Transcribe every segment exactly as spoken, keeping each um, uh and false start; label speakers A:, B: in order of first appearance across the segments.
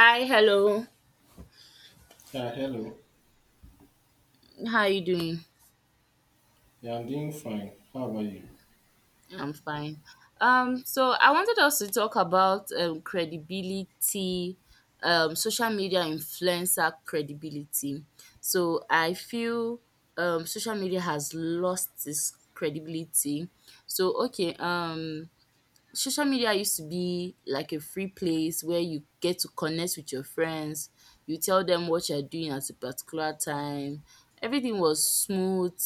A: Hi, hello.
B: Yeah, hello.
A: How you doing?
B: Yeah, I'm doing fine. How about you?
A: I'm fine. Um, so I wanted us to talk about um credibility, um, social media influencer credibility. So I feel um social media has lost its credibility. So okay, um social media used to be like a free place where you get to connect with your friends. You tell them what you're doing at a particular time. Everything was smooth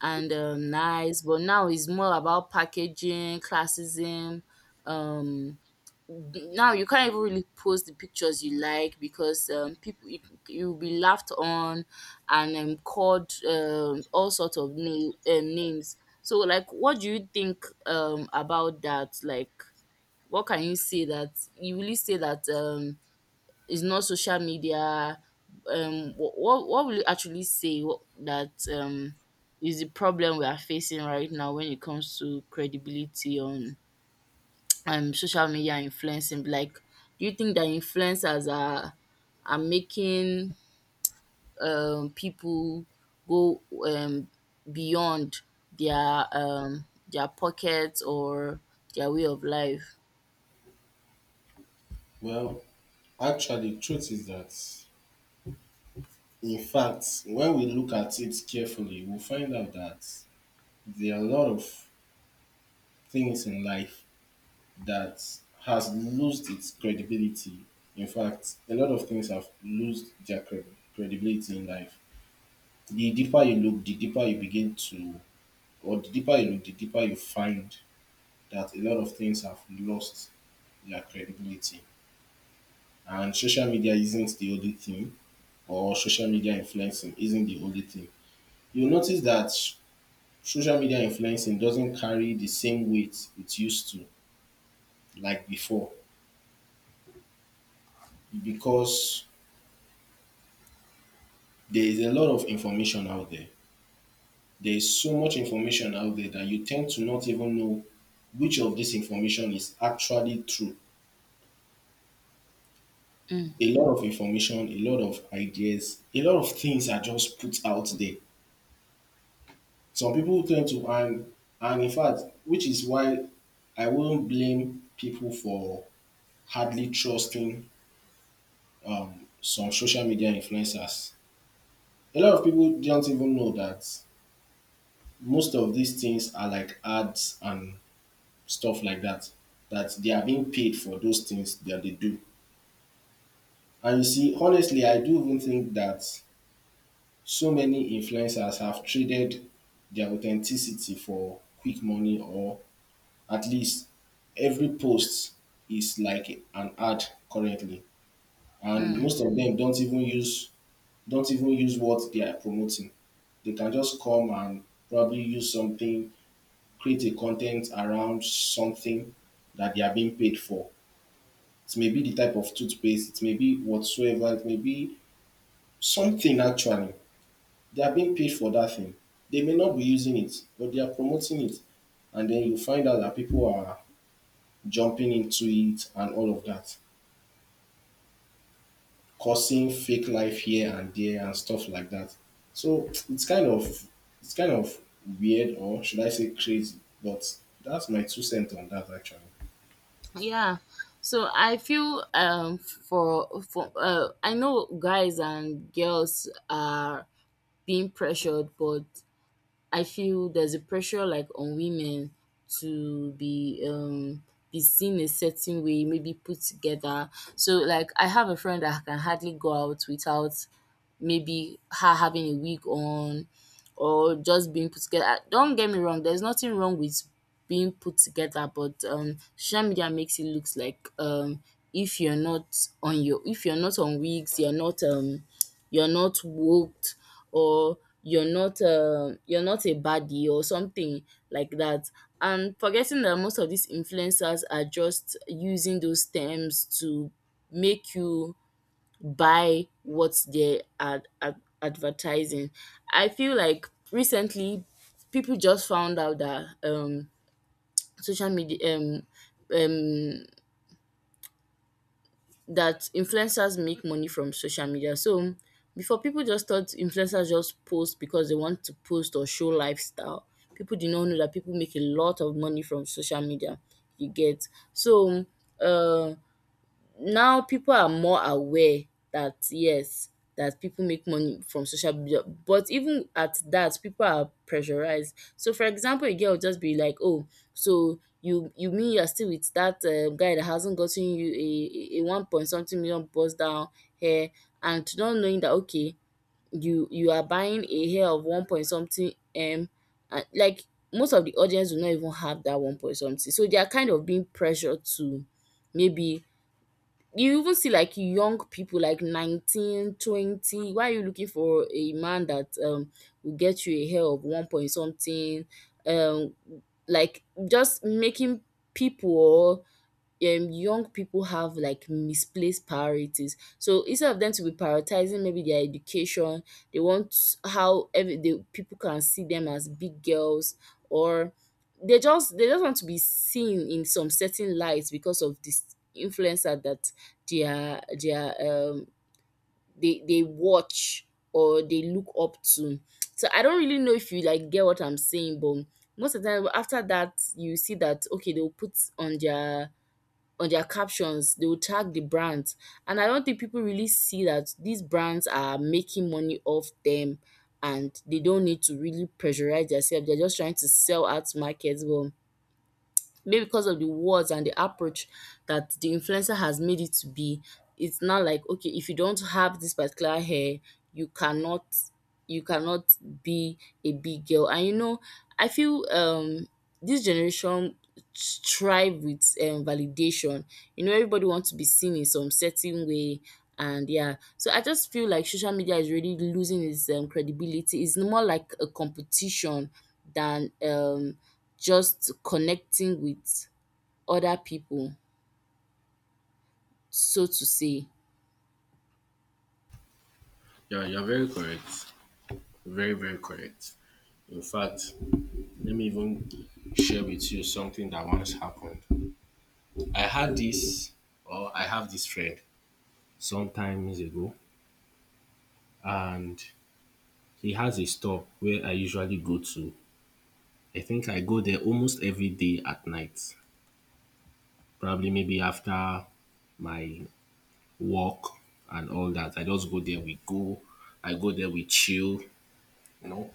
A: and um, nice, but now it's more about packaging, classism. Um, Now you can't even really post the pictures you like because um, people you, you'll be laughed on and um, called um, all sorts of na- um, names. So like what do you think um about that? Like what can you say that you really say that um is not social media, um what what, what will you actually say, what, that um is the problem we are facing right now when it comes to credibility on um social media influencing? Like, do you think that influencers are are making um, people go um, beyond their um, their pockets or their way of life?
B: Well, actually, truth is that, in fact, when we look at it carefully, we find out that there are a lot of things in life that has lost its credibility. In fact, a lot of things have lost their cred- credibility in life. The deeper you look, the deeper you begin to, or The deeper you look, the deeper you find that a lot of things have lost their credibility. And social media isn't the only thing, or social media influencing isn't the only thing. You'll notice that sh- social media influencing doesn't carry the same weight it used to, like before, because there is a lot of information out there. There is so much information out there that you tend to not even know which of this information is actually true.
A: Mm,
B: A lot of information, a lot of ideas, a lot of things are just put out there. Some people tend to and and In fact, which is why I won't blame people for hardly trusting um, some social media influencers. A lot of people don't even know that most of these things are like ads and stuff like that. That they are being paid for those things that they do. And you see, honestly, I do even think that so many influencers have traded their authenticity for quick money, or at least every post is like an ad currently, and
A: mm,
B: most of them don't even use don't even use what they are promoting. They can just come and probably use something, create a content around something that they are being paid for. It may be the type of toothpaste, it may be whatsoever, it may be something. Actually they are being paid for that thing, they may not be using it but they are promoting it, and then you find out that people are jumping into it and all of that, causing fake life here and there and stuff like that. So it's kind of it's kind of weird, or should I say crazy, but that's my two cents on that actually.
A: yeah. So I feel um for for uh, I know guys and girls are being pressured, but I feel there's a pressure like on women to be um be seen a certain way, maybe put together. So like I have a friend that can hardly go out without maybe her having a wig on or just being put together. Ah, don't get me wrong, there's nothing wrong with being put together, but um social media makes it looks like um if you're not on your if you're not on wigs, you're not um you're not woked, or you're not uh, you're not a baddie or something like that, and forgetting that most of these influencers are just using those terms to make you buy what they are ad- advertising. I feel like recently people just found out that um social media um um that influencers make money from social media. So before, people just thought influencers just post because they want to post or show lifestyle. People did not know that people make a lot of money from social media. You get? So uh now people are more aware that yes, that people make money from social media, but even at that, people are pressurized. So for example, a girl will just be like, oh, so you you mean you're still with that uh, guy that hasn't gotten you a, a a one point something million bust down hair? And not knowing that okay, you you are buying a hair of one point something m, and like, most of the audience will not even have that one point something, so they are kind of being pressured to, maybe. You even see like young people like nineteen, twenty. Why are you looking for a man that um will get you a hair of one point something? um like just making people, or um young people have like misplaced priorities. So instead of them to be prioritizing maybe their education, they want how every the people can see them as big girls, or they just they just want to be seen in some certain light because of this influencer that they are they are um they they watch or they look up to. So I don't really know if you like get what I'm saying, but most of the time after that you see that okay, they'll put on their on their captions, they will tag the brands, and I don't think people really see that these brands are making money off them, and they don't need to really pressurize themselves. They're just trying to sell out markets, but maybe because of the words and the approach that the influencer has made it to be, it's not like okay, if you don't have this particular hair, you cannot you cannot be a big girl, and you know, I feel um this generation strive with um, validation. You know, everybody wants to be seen in some certain way, and yeah, so I just feel like social media is really losing its um, credibility. It's more like a competition than um just connecting with other people, so to say.
B: Yeah, you're very correct. Very, very correct. In fact, let me even share with you something that once happened. I had this, or I have this friend some times ago, and he has a store where I usually go to. I think I go there almost every day at night, probably maybe after my work and all that. I just go there, we go. I go there, we chill, you know,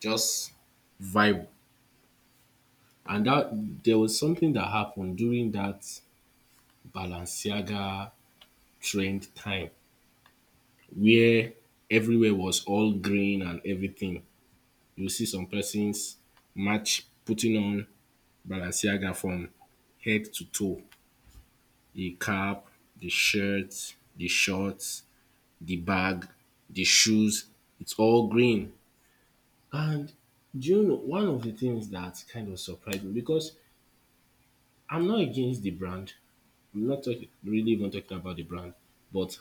B: just vibe. And that There was something that happened during that Balenciaga trend time, where everywhere was all green and everything. You see some persons match putting on Balenciaga from head to toe. The cap, the shirt, the shorts, the bag, the shoes, it's all green. And do you know one of the things that kind of surprised me, because I'm not against the brand. I'm not talking really even talking about the brand, but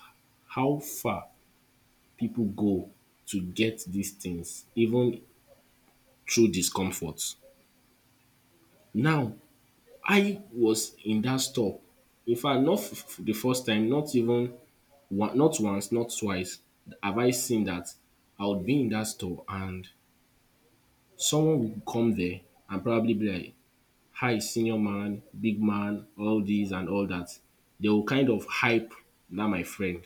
B: how far people go to get these things, even through discomfort. Now, I was in that store. In fact, not f- f- the first time, not even one, not once, not twice have I seen that I would be in that store and someone will come there and probably be like, "Hi, senior man, big man," all this and all that. They will kind of hype that my friend.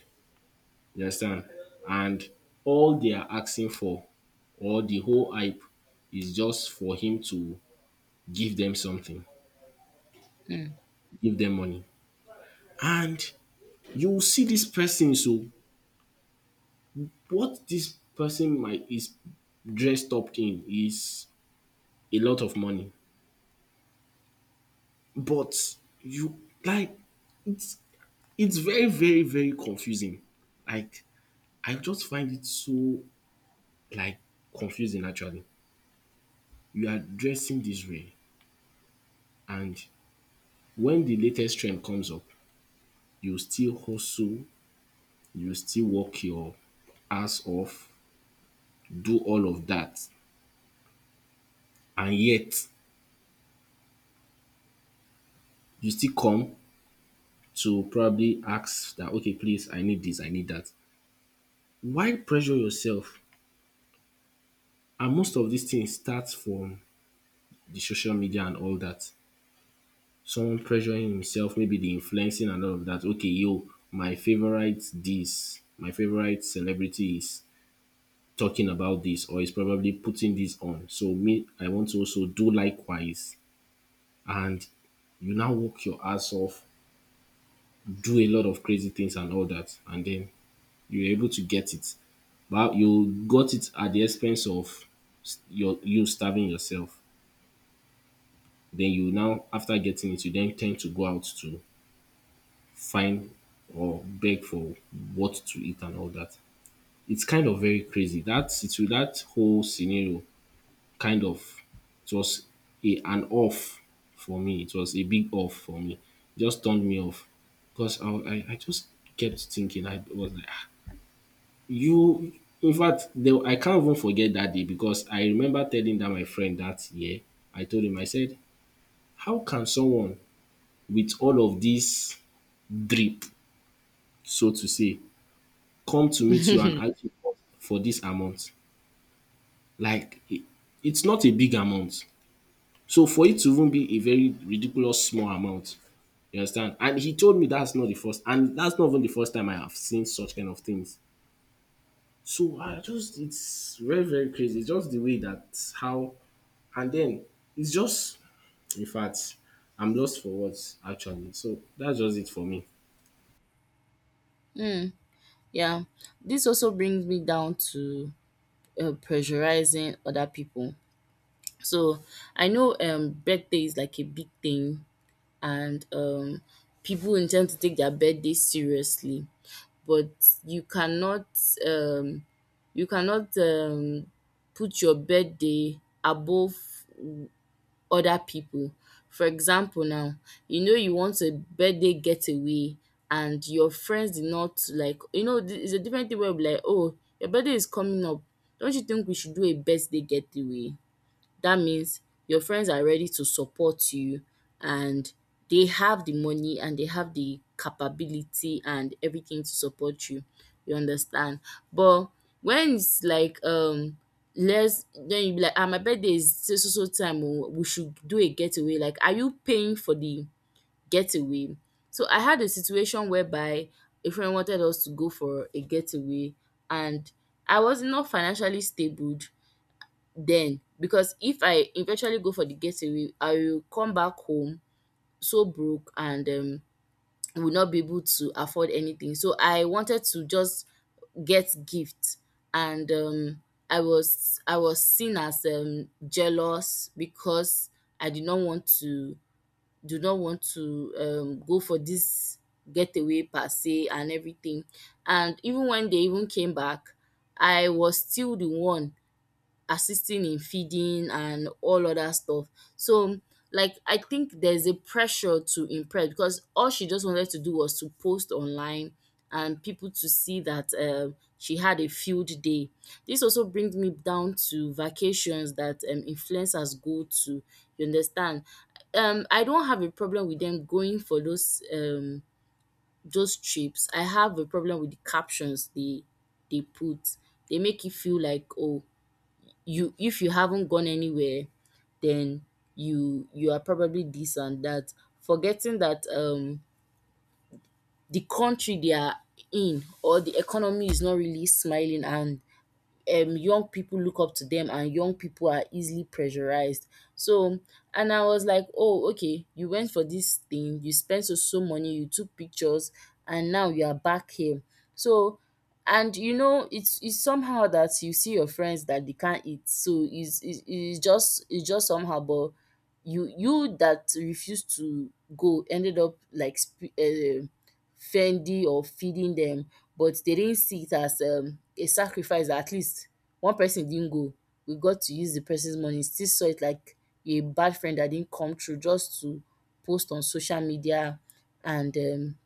B: You understand? And all they are asking for, or the whole hype, is just for him to give them something,
A: Mm.
B: give them money. And you will see this person. So, what this person might is dressed up in is a lot of money. But you like it. It's very, very, very confusing. Like, I just find it so, like, confusing actually. You are dressing this way, and when the latest trend comes up, you still hustle, you still work your ass off, do all of that, and yet you still come to probably ask that, okay, please, I need this, I need that. Why pressure yourself? And most of these things start from the social media and all that. Someone pressuring himself, maybe the influencing and all of that. Okay, yo, my favorite this, my favorite celebrity is talking about this, or is probably putting this on. So me, I want to also do likewise. And you now work your ass off, do a lot of crazy things and all that, and then you're able to get it. But you got it at the expense of s- your you starving yourself. Then you now, after getting it, you then tend to go out to find or beg for what to eat and all that. It's kind of very crazy. That situ that whole scenario kind of it was a an off for me. It was a big off for me. It just turned me off because I I, I just kept thinking. I was like, "Ah, you." In fact, the, I can't even forget that day, because I remember telling that my friend that year. I told him, I said, how can someone with all of this drip, so to say, come to meet you and ask you for for this amount. Like it, it's not a big amount. So for it to even be a very ridiculous small amount, you understand? And he told me that's not the first, and that's not even the first time I have seen such kind of things. So I just, it's very, very crazy. It's just the way that, how, and then it's just, in fact, I'm lost for words actually. So that's just it for me.
A: Mm, yeah. This also brings me down to uh, pressurizing other people. So I know um birthday is like a big thing, and um people intend to take their birthday seriously, but you cannot um you cannot um put your birthday above other pipu. For example now, you know you want a birthday getaway, and your friends did not, like, you know, th- it's a different thing when you be like, “Oh, your birthday is coming up. Don't you think we should do a birthday getaway?” That means your friends are ready to support you, and they have the money and they have the capability and everything to support you. You understand? But when it's like, um let's then you be like, ah, my birthday is so so so time, oh, we should do a getaway. Like, are you paying for the getaway? So I had a situation whereby a friend wanted us to go for a getaway, and I was not financially stable then, because if I eventually go for the getaway, I will come back home so broke, and um, will not be able to afford anything. So I wanted to just get gift, and um, I was I was seen as um, jealous, because I did not want to, do not want to um, go for this getaway per se and everything. And even when they even came back, I was still the one assisting in feeding and all other stuff. So, like, I think there's a pressure to impress, because all she just wanted to do was to post online and people to see that um, she had a field day. This also brings me down to vacations that um, influencers go to. You understand? Um, I don't have a problem with them going for those um those trips. I have a problem with the captions they they put. They make you feel like, oh, you, if you haven't gone anywhere, then you you are probably this and that, forgetting that um the country they are in or the economy is not really smiling, and um young people look up to them, and young people are easily pressurized. So, and I was like, oh, okay, you went for this thing, you spent so so money, you took pictures, and now you are back here. So, and you know, it's it's somehow that you see your friends that they can't eat, so it's it's, it's just it's just somehow. But you you that refused to go, ended up like, sp- uh, fending or feeding them, but they didn't see it as um, a sacrifice. At least one person didn't go. We got to use the person's money. Still saw it like a bad friend that didn't come through, just to post on social media and um,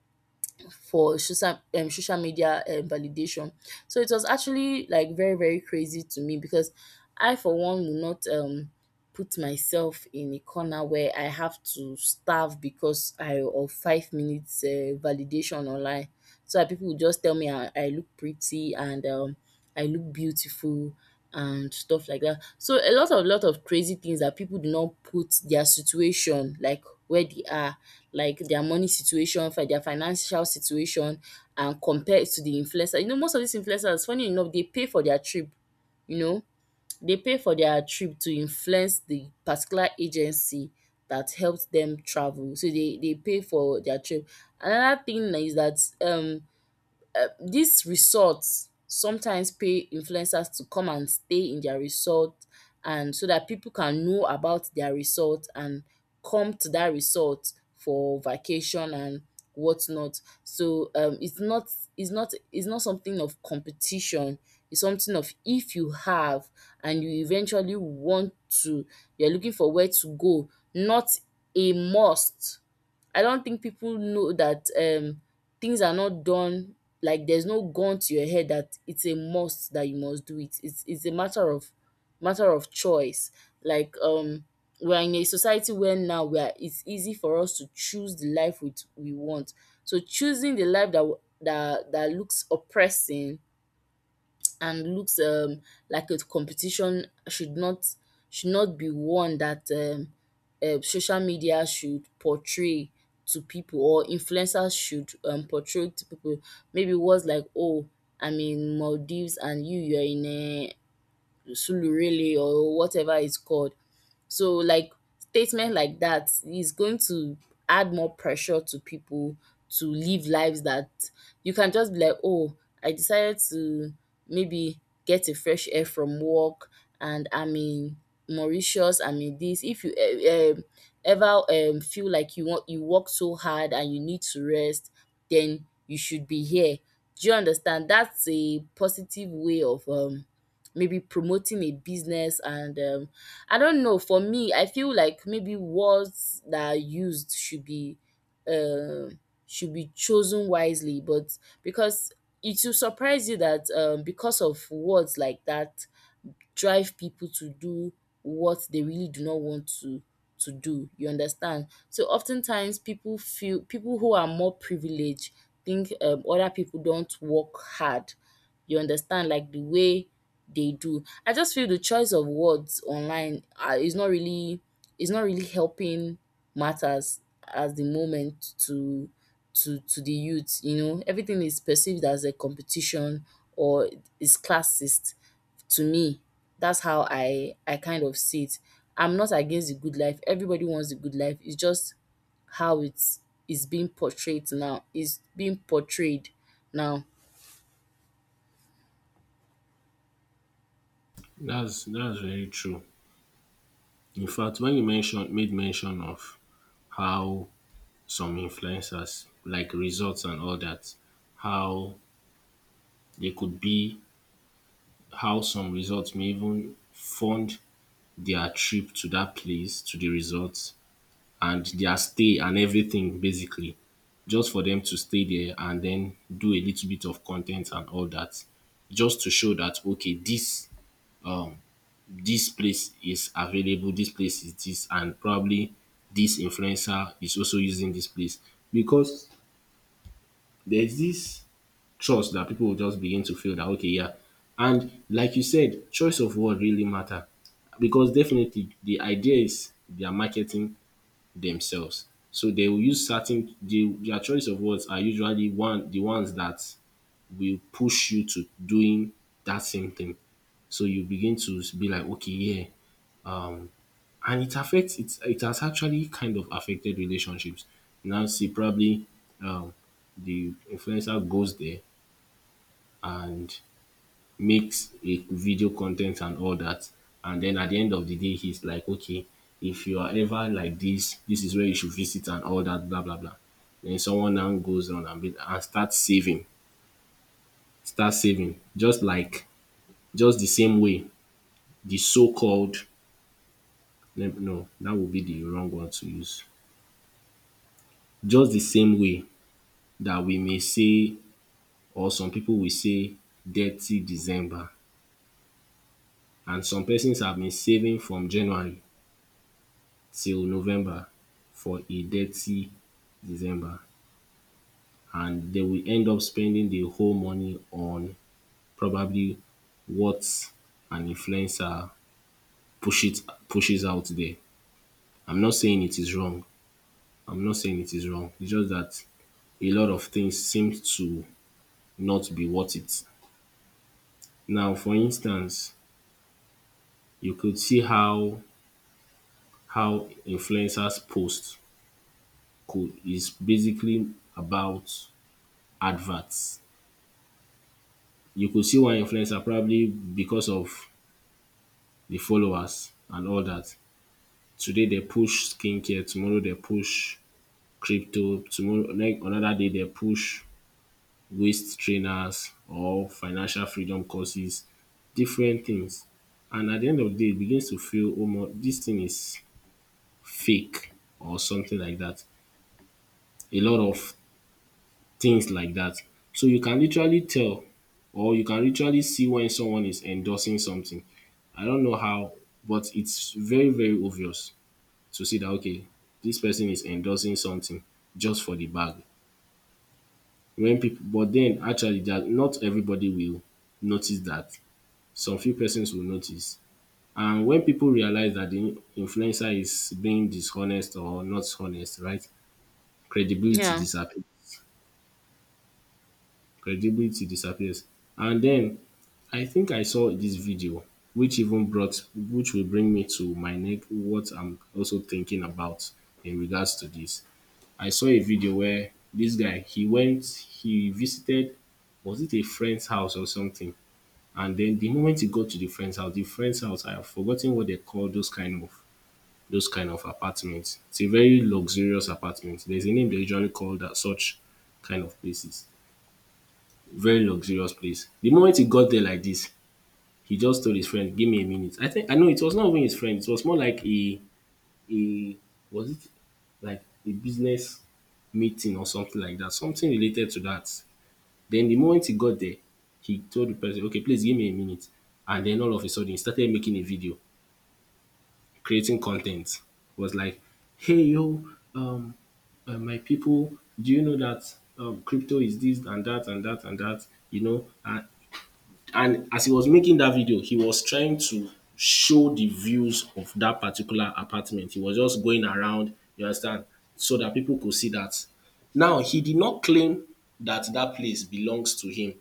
A: for social, um, social media um, validation. So it was actually like very, very crazy to me, because I, for one, will not. Um, put myself in a corner where I have to starve because I of five minutes um validation online, so dat pipu will just tell me I I look pretty and um I look beautiful and stuff like that. So a lot of lot of crazy things, that people do not put their situation, like where they are, like their money situation, fi- their financial situation, and compare it to the influencer. You know, most of these influencers, funny enough, they pay for their trip. You know, they pay for their trip to influence the particular agency that helped them travel. So they they pay for their trip. Another thing is that um these resorts sometimes pay influencers to come and stay in their resort, and so that people can know about their resort and come to that resort for vacation and whatnot. So um it's not it's not it's not something of competition. It's something of, if you have and you eventually want to, you're looking for where to go, not a must. I don't think people know that um things are not done, like, there's no gun to your head that it's a must that you must do it. It's it's a matter of matter of choice. Like, um we're in a society where now we are it's easy for us to choose the life we, we want. So choosing the life that w- that that looks oppressing and looks um, like a competition should not should not be one that um, uh, social media should portray to people, or influencers should um, portray to people. Maybe words like, oh, I'm in Maldives and you you're in uh, Sulurele or whatever it's called. So, like, statement like that is going to add more pressure to people to live lives that, you can just be like, oh, I decided to maybe get a fresh air from work and I'm in Mauritius, I'm in this. If you, eh, um ever um feel like you want, you work so hard and you need to rest, then you should be here. Do you understand? That's a positive way of um maybe promoting a business, and um I don't know. For me, I feel like maybe words that are used should be um should be chosen wisely, but because it will surprise you that um because of words like that, drive people to do what they really do not want to to do. You understand? So oftentimes people feel, people who are more privileged think um, other people don't work hard. You understand? Like the way they do. I just feel the choice of words online uh, is not really is not really helping matters at the moment to to to the youth. You know, everything is perceived as a competition, or is classist to me. That's how I I kind of see it. I'm not against the good life. Everybody wants the good life. It's just how it's is being portrayed now. It's being portrayed now.
B: That's that's very true. In fact, when you mentioned made mention of how some influencers, like results and all that, how they could be, how some results may even fund their trip to that place, to the resort, and their stay and everything basically, just for them to stay there and then do a little bit of content and all that, just to show that okay, this um this place is available, this place is this, and probably this influencer is also using this place, because there's this trust that people will just begin to feel that okay, yeah. And like you said, choice of word really matter, because definitely the idea is they are marketing themselves, so they will use certain the, their choice of words are usually one the ones that will push you to doing that same thing. So you begin to be like, okay, yeah. And it affects it it has actually kind of affected relationships. Now see probably um the influencer goes there and makes a video content and all that. And then at the end of the day, he's like, okay, if you are ever like this, this is where you should visit and all that, blah blah blah. Then someone now goes on and, be, and starts saving, start saving, just like just the same way the so-called, no, no, that would be the wrong one to use. Just the same way that we may say, or some people will say, dirty December, and some persons have been saving from January till November for a dirty December, and they will end up spending the whole money on probably what an influencer push it pushes out there. I'm not saying it is wrong. I'm not saying it is wrong. It's just that a lot of things seem to not be worth it. Now, for instance, you could see how how influencers post could is basically about adverts. You go see one influencer probably because of the followers and all that. Today they push skincare, tomorrow they push crypto, tomorrow like another day they push waist trainers or financial freedom courses, different things. And at the end of the day, it begins to feel omo dis thing is fake or something like that. A lot of things like that. So you can literally tell, or you can literally see when someone is endorsing something. I don't know how, but it's very, very obvious to see that okay, this person is endorsing something just for the bag. When people but then actually that Not everybody will notice that. Some few persons will notice. And when people realize that the influencer is being dishonest or not honest, right? Credibility
A: Yeah.
B: disappears. Credibility disappears. And then I think I saw this video which even brought which will bring me to my neck what I'm also thinking about in regards to this. I saw a video where this guy he went he visited, was it a friend's house or something, and then the moment he got to the friend's house, the friend's house I have forgotten what they call those kind of those kind of apartments. It's a very luxurious apartment. There's a name they usually call that such kind of places, very luxurious place. The moment he got there like this, he just told his friend, "Give me a minute." I think I know it was not even his friend, it was more like a a, was it, like a business meeting or something like that, something related to that. Then the moment he got there, he told the person, "Okay, please give me a minute," and then all of a sudden he started making a video, creating content. It was like, "Hey yo, um uh, my people, do you know that um crypto is this and that and that and that? you know and And as he was making that video, he was trying to show the views of that particular apartment. He was just going around, you understand, so that people could see that. Now, he did not claim that that place belongs to him.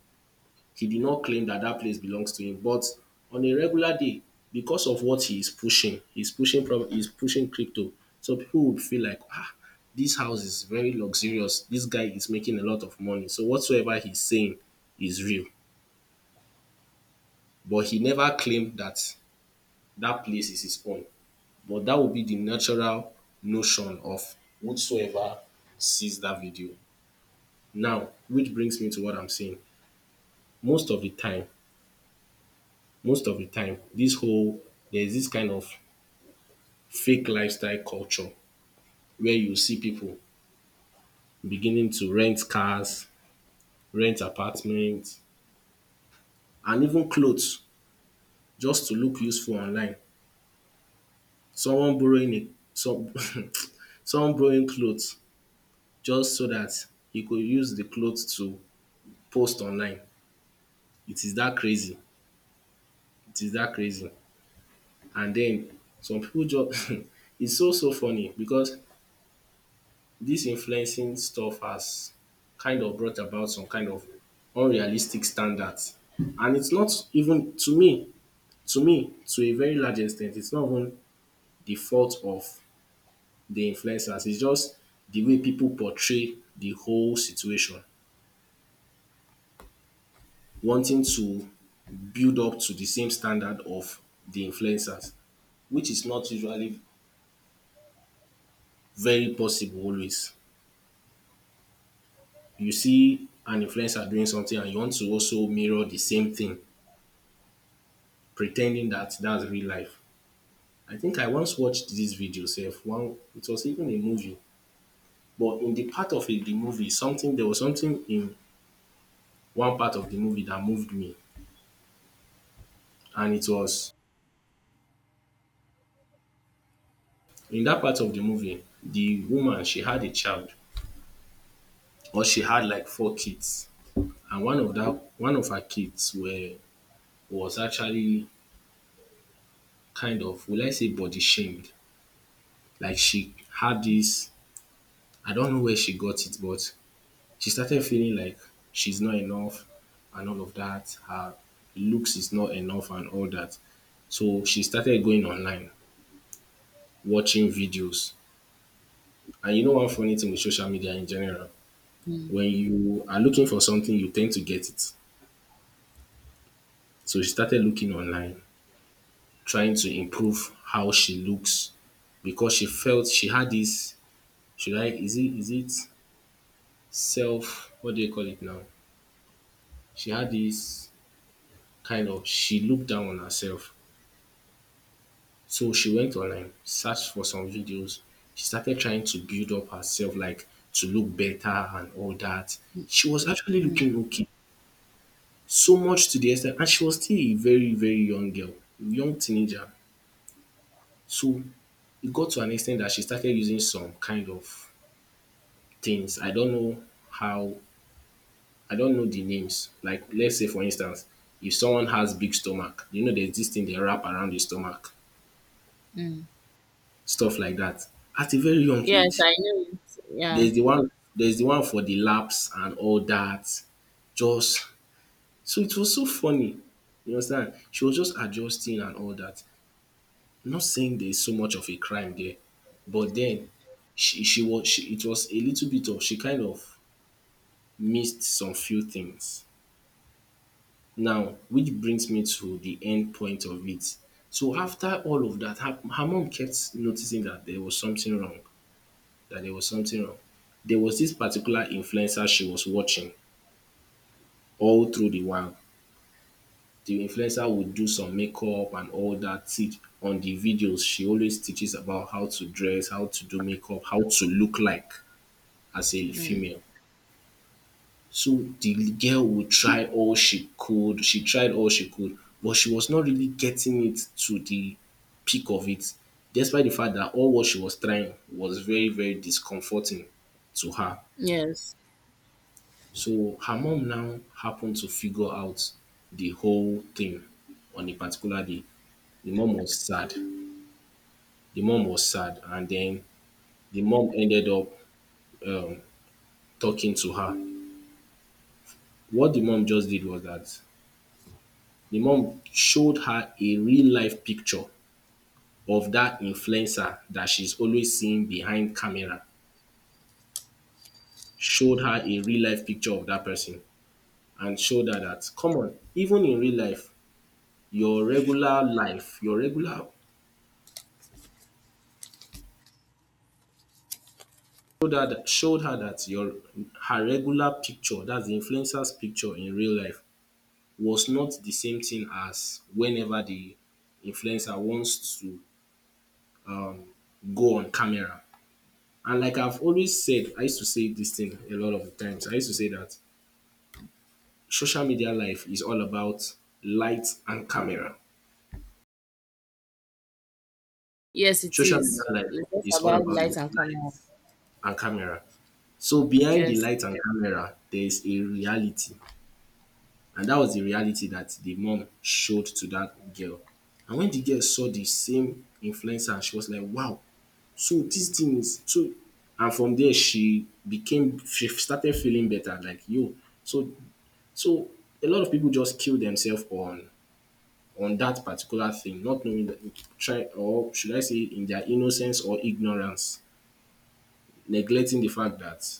B: He did not claim that that place belongs to him. But on a regular day, because of what he is pushing, he's pushing from he's pushing crypto. So people would feel like, ah, this house is very luxurious. This guy is making a lot of money. So whatsoever he's saying is real. But he never claim that that place is his own. But that would be the natural notion of whosoever sees that video. Now, which brings me to what I'm saying. Most of the time, most of the time, this whole, there's this kind of fake lifestyle culture where you see people beginning to rent cars, rent apartments, and even clothes just to look useful online. Someone borrowing a some someone borrowing clothes just so that you could use the clothes to post online. It is that crazy. It is that crazy. And then some people just it's so so funny because this influencing stuff has kind of brought about some kind of unrealistic standards. And it's not even, to me, to me, to a very large extent, it's not even the fault of the influencers. It's just the way people portray the whole situation, wanting to build up to the same standard of the influencers, which is not usually very possible always. You see an influencer doing something and you want to also mirror the same thing, pretending that that's real life. I think I once watched this video Self, one, it was even a movie, but in the part of a the movie, something, there was something in one part of the movie that moved me, and it was in that part of the movie, the woman, she had a child, or she had like four kids. And one of that one of her kids were was actually, kind of, will I say, body shamed. Like, she had this, I don't know where she got it, but she started feeling like she's not enough and all of that. Her looks is not enough and all that. So she started going online, watching videos. And you know, one funny thing with social media in general,
A: Mm,
B: when you are looking for something, you tend to get it. So she started looking online, trying to improve how she looks because she felt she had this, should I is it is it self what do you call it now? She had this kind of, she looked down on herself. So she went online, searched for some videos. She started trying to build up herself, like to look better and all that. She was actually
A: mm,
B: looking okay. So much to the extent, and she was still a very, very young girl, young teenager. So it got to an extent that she started using some kind of things. I don't know how, I don't know the names. Like, let's say, for instance, if someone has big stomach, you know, there's this thing they wrap around the stomach,
A: mm.
B: stuff like that. At a very young
A: Yes,
B: age,
A: I know it. Yeah.
B: there's the one, there's the one for the laps and all that. Just, so it was so funny. You understand? She was just adjusting and all that. Not saying there's so much of a crime there, but then she she was she, it was a little bit of, she kind of missed some few things. Now, which brings me to the end point of it. So after all of that, her, her mom kept noticing that there was something wrong, that there was something wrong. There was this particular influencer she was watching all through the while. The influencer would do some makeup and all that. Teach on the videos, she always teaches about how to dress, how to do makeup, how to look like as a
A: Mm.
B: female. So the girl would try all she could, she tried all she could, but she was not really getting it to the peak of it, despite the fact that all what she was trying was very, very discomforting to her.
A: Yes.
B: So her mom now happened to figure out the whole thing on a particular day. The mom was sad. The mom was sad, and then the mom ended up um, talking to her. What the mom just did was that the mom showed her a real life picture of that influencer that she's always seeing behind camera, showed her a real life picture of that person and showed her that, come on, even in real life, your regular life, your regular showed her that, showed her that your her regular picture, that's the influencer's picture in real life, was not the same thing as whenever the influencer wants to go on camera. And like I've always said, I used to say this thing a lot of the times. I used to say that social media life is all about light and camera.
A: Yes, it
B: Social media
A: is.
B: life
A: It's just
B: is all
A: about
B: about
A: light and
B: light
A: camera.
B: and camera. So behind the
A: Yes.
B: light and camera, there is a reality. And that was the reality that the mom showed to that girl. And when the girl saw the same influencer, she was like, wow, so this thing is so, and from there she became, she started feeling better, like, yo, so so a lot of people just kill themselves on on that particular thing, not knowing that, try, or should I say, in their innocence or ignorance, neglecting the fact that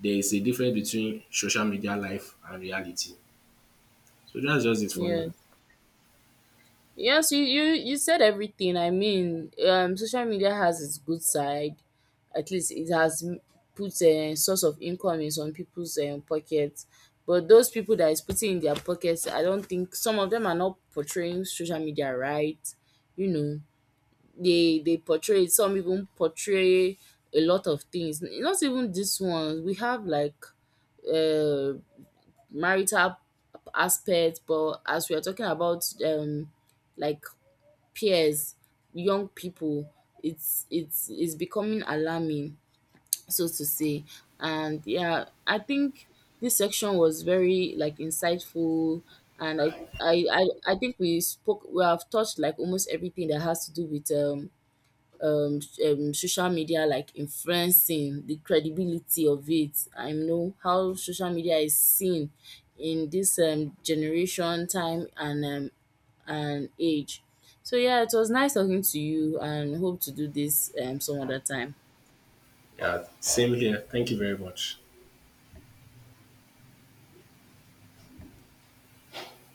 B: there is a difference between social media life and reality. So that's just it for me.
A: Yes. Yes, you you you said everything. I mean, um, social media has its good side. At least it has m- put a source of income in some people's um, pockets. But those people that is putting in their pockets, I don't think some of them are not portraying social media right. You know, they they portray, some even portray a lot of things. Not even this one. We have like uh marital aspect, but as we are talking about um like peers, young people, it's it's it's becoming alarming, so to say. And yeah, I think this section was very, like, insightful, and I I, I, I think we spoke we have touched like almost everything that has to do with um um um social media, like influencing, the credibility of it. I know how social media is seen in this um generation time and um and age. So yeah, it was nice talking to you, and hope to do this um some other time.
B: Yeah, same here. Thank you very much.